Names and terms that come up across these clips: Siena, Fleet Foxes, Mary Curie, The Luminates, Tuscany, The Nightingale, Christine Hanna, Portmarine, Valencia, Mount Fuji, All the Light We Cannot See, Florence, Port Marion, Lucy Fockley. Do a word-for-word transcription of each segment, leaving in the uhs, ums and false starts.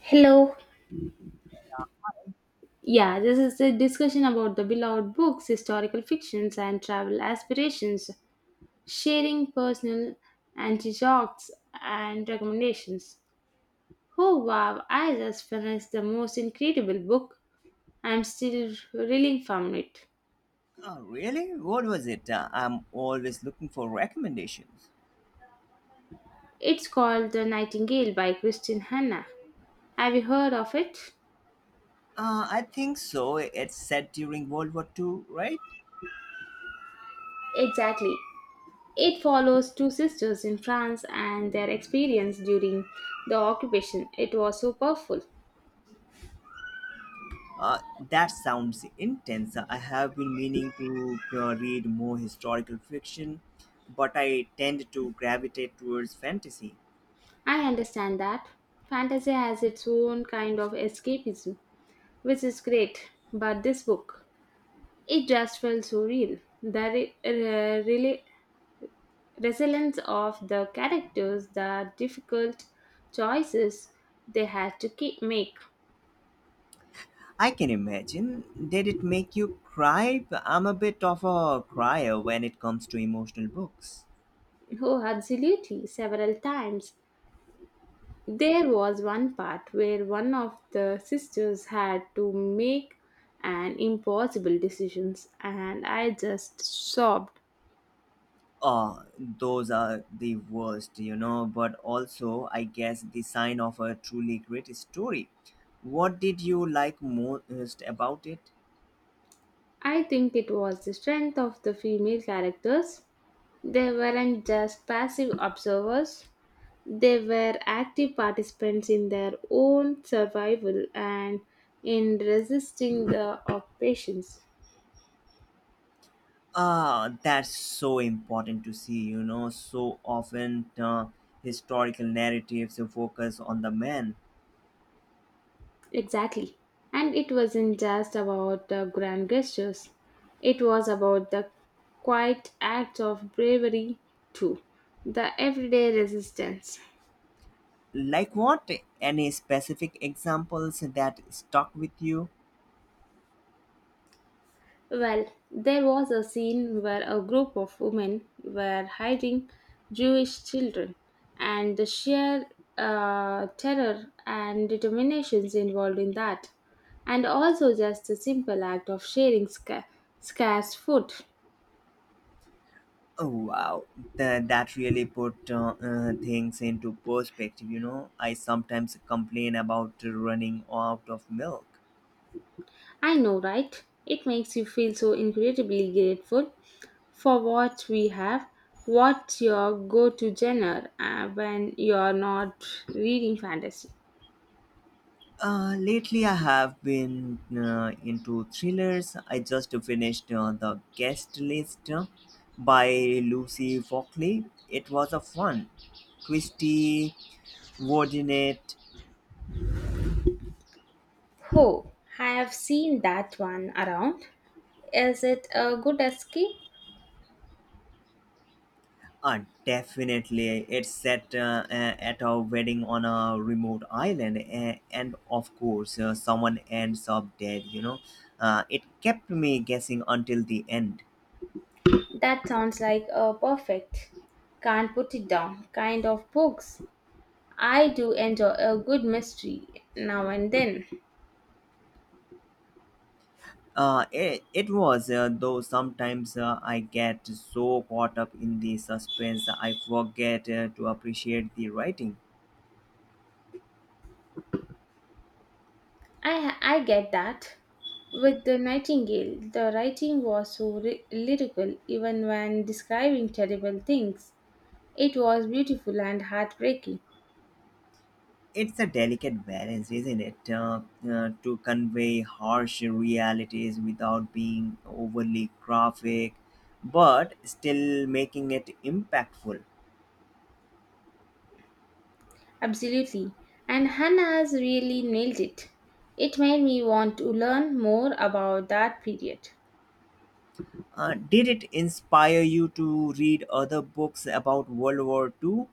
Hello. Yeah, this is a discussion about the beloved books, historical fictions, and travel aspirations, sharing personal anecdotes and recommendations. Oh wow, I just finished the most incredible book. I'm still reeling from it. Oh, really? What was it? Uh, I'm always looking for recommendations. It's called The Nightingale by Christine Hanna. Have you heard of it? Uh, I think so. It's set during World War Two, right? Exactly. It follows two sisters in France and their experience during the occupation. It was so powerful. Uh, that sounds intense. I have been meaning to uh, read more historical fiction, but I tend to gravitate towards fantasy. I understand that. Fantasy has its own kind of escapism, which is great, but this book, it just felt so real. The re- re- really resilience of the characters, the difficult choices they had to keep make. I can imagine. Did it make you cry? I'm a bit of a crier when it comes to emotional books. Oh, absolutely, several times. There was one part where one of the sisters had to make an impossible decisions and I just sobbed. uh those are the worst, you know, but also I guess the sign of a truly great story. What did you like most about it? I think it was the strength of the female characters. They weren't just passive observers, they were active participants in their own survival and in resisting the occupations. Ah, that's so important to see, you know. So often, uh, historical narratives focus on the man. Exactly. And it wasn't just about the grand gestures, it was about the quiet acts of bravery too, the everyday resistance. Like what? Any specific examples that stuck with you? Well, there was a scene where a group of women were hiding Jewish children, and the sheer uh, terror and determinations involved in that, and also just the simple act of sharing sca- scarce food. Oh wow, Th- that really put uh, uh, things into perspective. You know, I sometimes complain about running out of milk. I know, right? It makes you feel so incredibly grateful for what we have. What's your go to genre uh, when you're not reading fantasy? Uh, lately, I have been uh, into thrillers. I just finished uh, the guest list uh, by Lucy Fockley. It was a fun, twisty, coordinate. Oh, I have seen that one around. Is it a good escape? Uh, Definitely, it's set uh, a- at a wedding on a remote island, a- and of course, uh, someone ends up dead. You know, uh, it kept me guessing until the end. That sounds like a perfect, can't put it down kind of books. I do enjoy a good mystery now and then. Uh, it, it was, uh, though sometimes uh, I get so caught up in the suspense I forget uh, to appreciate the writing. I I get that. With the Nightingale, the writing was so ry- lyrical even when describing terrible things. It was beautiful and heartbreaking. It's a delicate balance, isn't it? Uh, uh, to convey harsh realities without being overly graphic, but still making it impactful. Absolutely. And Hannah has really nailed it. It made me want to learn more about that period. Uh, did it inspire you to read other books about World War Two?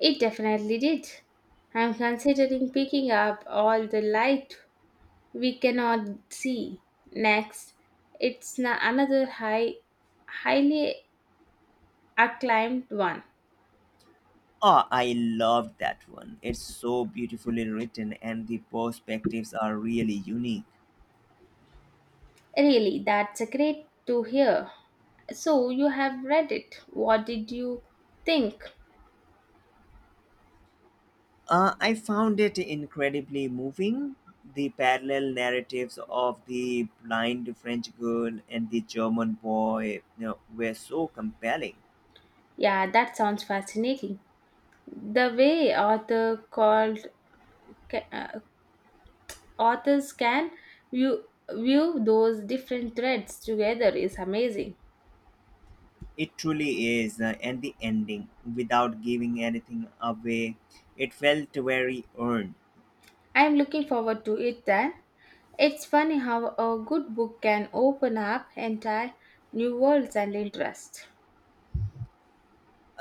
It definitely did. I'm considering picking up all the light we cannot see. Next, it's na- another high, highly acclaimed one. Ah, I loved that one. It's so beautifully written, and the perspectives are really unique. Really, that's a great to hear. So you have read it. What did you think? Uh, I found it incredibly moving. The parallel narratives of the blind French girl and the German boy, you know, were so compelling. Yeah, that sounds fascinating. The way author called ca- uh, authors can view, view those different threads together is amazing. It truly is. Uh, and the ending, without giving anything away, it felt very earned. I am looking forward to it then. It's funny how a good book can open up entire new worlds and interests.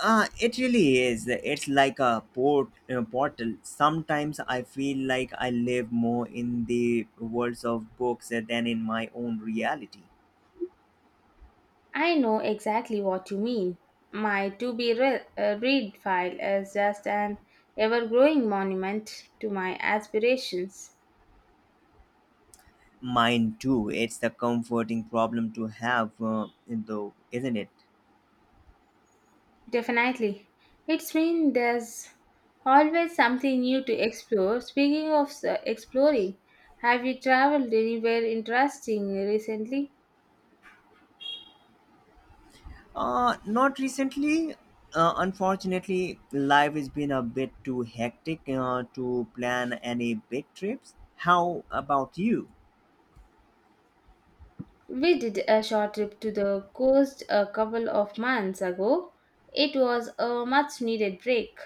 Uh, it really is. It's like a port uh, portal. Sometimes I feel like I live more in the worlds of books than in my own reality. I know exactly what you mean. My to be re- uh, read file is just an ever growing monument to my aspirations. Mine too. It's a comforting problem to have, uh, though, isn't it? Definitely. It's mean there's always something new to explore. Speaking of s- exploring, have you traveled anywhere interesting recently? Uh, not recently. Uh, unfortunately, life has been a bit too hectic uh, to plan any big trips. How about you? We did a short trip to the coast a couple of months ago. It was a much needed break.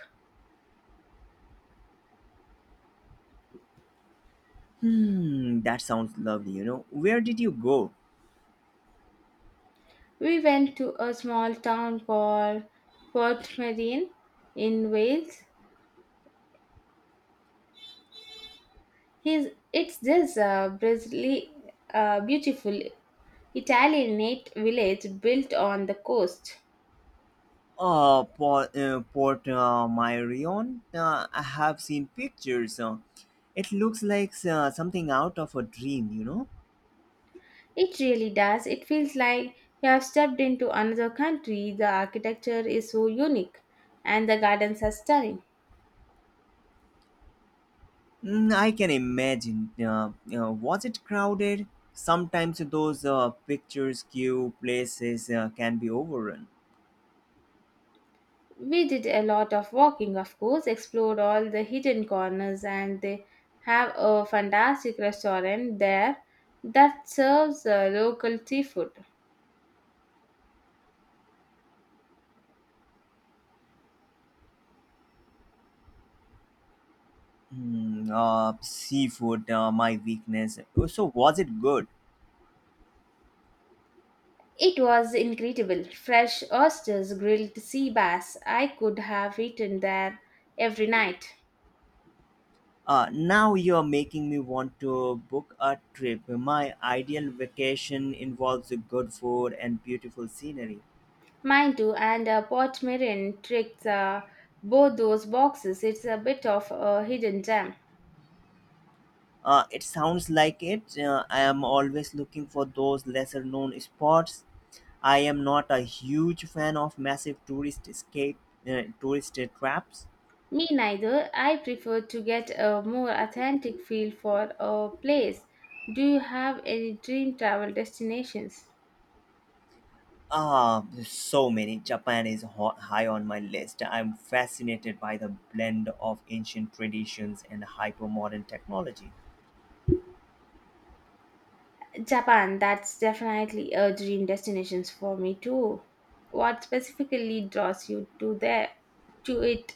Hmm, that sounds lovely. You know, where did you go? We went to a small town called Portmarine in Wales. He's, it's just uh, bristly, uh, beautiful Italianate village built on the coast. Uh, Port, uh, Port uh, Marion. Uh, I have seen pictures. Uh, it looks like uh, something out of a dream. You know. It really does. It feels like you have stepped into another country. The architecture is so unique and the gardens are stunning. Mm, I can imagine. Uh, uh, was it crowded? Sometimes those uh, pictures queue places uh, can be overrun. We did a lot of walking, of course, explored all the hidden corners, and they have a fantastic restaurant there that serves uh, local seafood. Mm, uh, seafood, uh, my weakness. So was it good? It was incredible. Fresh oysters, grilled sea bass. I could have eaten there every night. Uh, now you're making me want to book a trip. My ideal vacation involves good food and beautiful scenery. Mine too, and uh, Port Marin tricks uh, both those boxes. It's a bit of a hidden gem. Uh, it sounds like it. Uh, I am always looking for those lesser known spots. I am not a huge fan of massive tourist escape, uh, tourist traps. Me neither. I prefer to get a more authentic feel for a place. Do you have any dream travel destinations? Ah, so many. Japan is ho- high on my list. I'm fascinated by the blend of ancient traditions and hyper modern technology. Japan, that's definitely a dream destination for me too. What specifically draws you to there to it?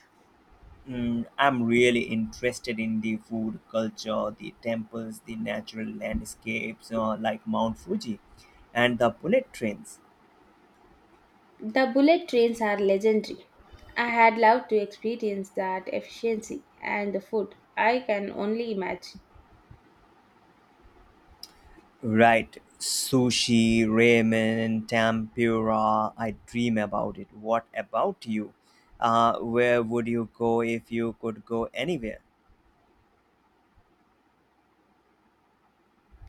Mm, I'm really interested in the food culture, the temples, the natural landscapes, uh, like Mount Fuji, and the bullet trains. The bullet trains are legendary. I had loved to experience that efficiency and the food. I can only imagine. Right. Sushi, ramen, tempura. I dream about it. What about you? Uh, where would you go if you could go anywhere?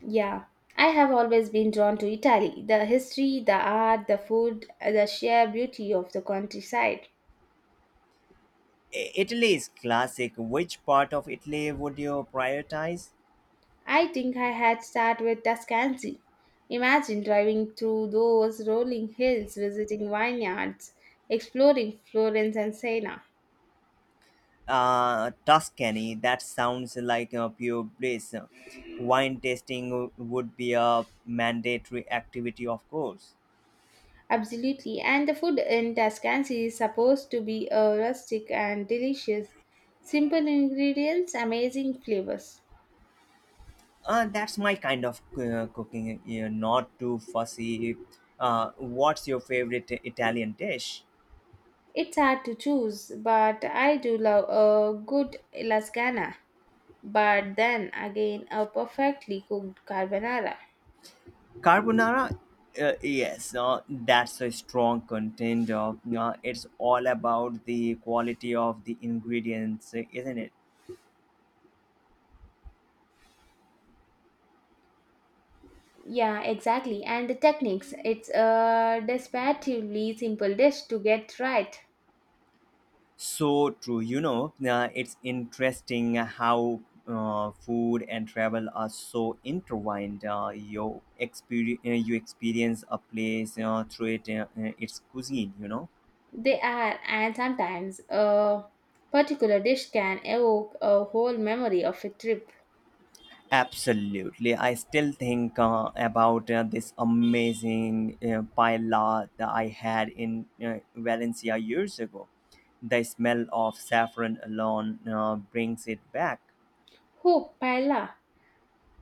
Yeah, I have always been drawn to Italy. The history, the art, the food, the sheer beauty of the countryside. I- Italy is classic. Which part of Italy would you prioritize? I think I had start with Tuscany. Imagine driving through those rolling hills, visiting vineyards, exploring Florence and Siena. Uh, Tuscany. That sounds like a pure bliss. Wine tasting would be a mandatory activity, of course. Absolutely, and the food in Tuscany is supposed to be uh, rustic and delicious. Simple ingredients, amazing flavors. Uh, that's my kind of uh, cooking, you know, not too fussy. Uh, what's your favorite Italian dish? It's hard to choose, but I do love a good lasagna. But then again, a perfectly cooked carbonara. Carbonara? Uh, yes, uh, that's a strong contender. Uh, it's all about the quality of the ingredients, isn't it? Yeah, exactly. And the techniques. It's a desperatively simple dish to get right. So true. You know, uh, it's interesting how uh, food and travel are so intertwined. Uh, you, experience, you experience a place uh, through it, uh, uh, its cuisine, you know? They are, and sometimes a particular dish can evoke a whole memory of a trip. Absolutely. I still think uh, about uh, this amazing uh, paella that I had in uh, Valencia years ago. The smell of saffron alone uh, brings it back. Oh, Paella,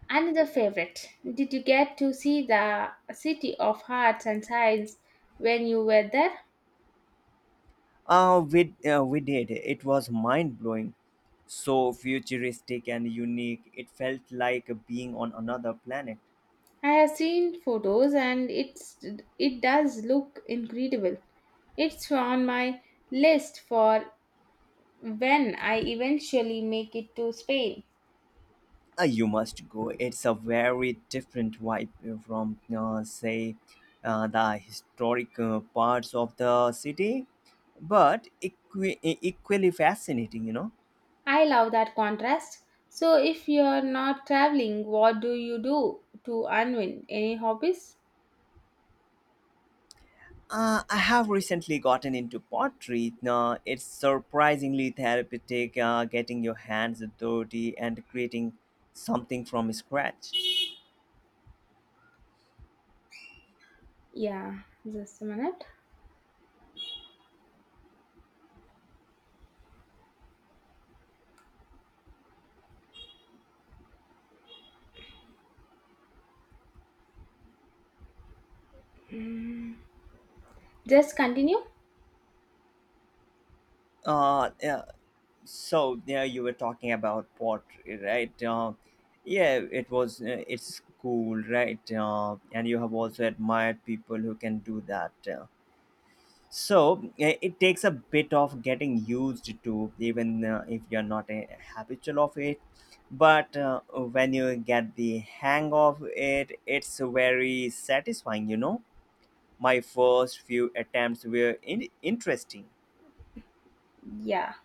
another favorite. Did you get to see the City of Hearts and Sighs when you were there? Uh, we, uh, we did. It was mind blowing. So futuristic and unique. It felt like being on another planet. I have seen photos and it's it does look incredible. It's on my list for when I eventually make it to Spain. Uh, you must go. It's a very different vibe from, uh, say, uh, the historic uh, parts of the city, but equi- e- equally fascinating, you know. I love that contrast. So if you're not traveling, what do you do to unwind? Any hobbies? Uh, I have recently gotten into pottery. Now, it's surprisingly therapeutic uh, getting your hands dirty and creating something from scratch. Yeah, just a minute. Just continue. Uh, yeah, so yeah you were talking about pottery, right? Uh, yeah it was uh, it's cool, right? Uh, and you have also admired people who can do that uh. so uh, it takes a bit of getting used to, even uh, if you're not a habitual of it, but uh, when you get the hang of it, it's very satisfying, you know. My first few attempts were in- interesting. Yeah.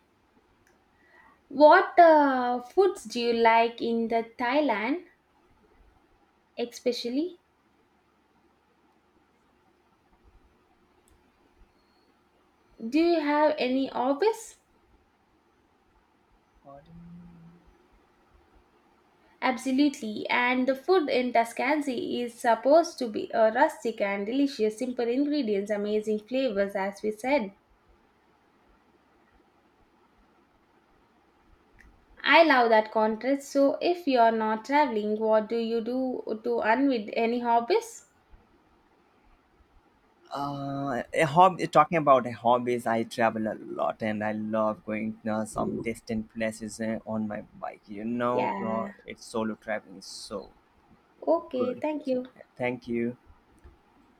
What uh, foods do you like in the Thailand, especially? Do you have any hobbies? Absolutely, and the food in Tuscany is supposed to be uh, rustic and delicious, simple ingredients, amazing flavors, as we said. I love that contrast. So, if you are not traveling, what do you do to unwind? Any hobbies? Uh, a hobby. Talking about hobbies, I travel a lot, and I love going uh, some distant places uh, on my bike. You know, uh, Yeah. it's solo traveling is so Okay. good. Thank you. Thank you.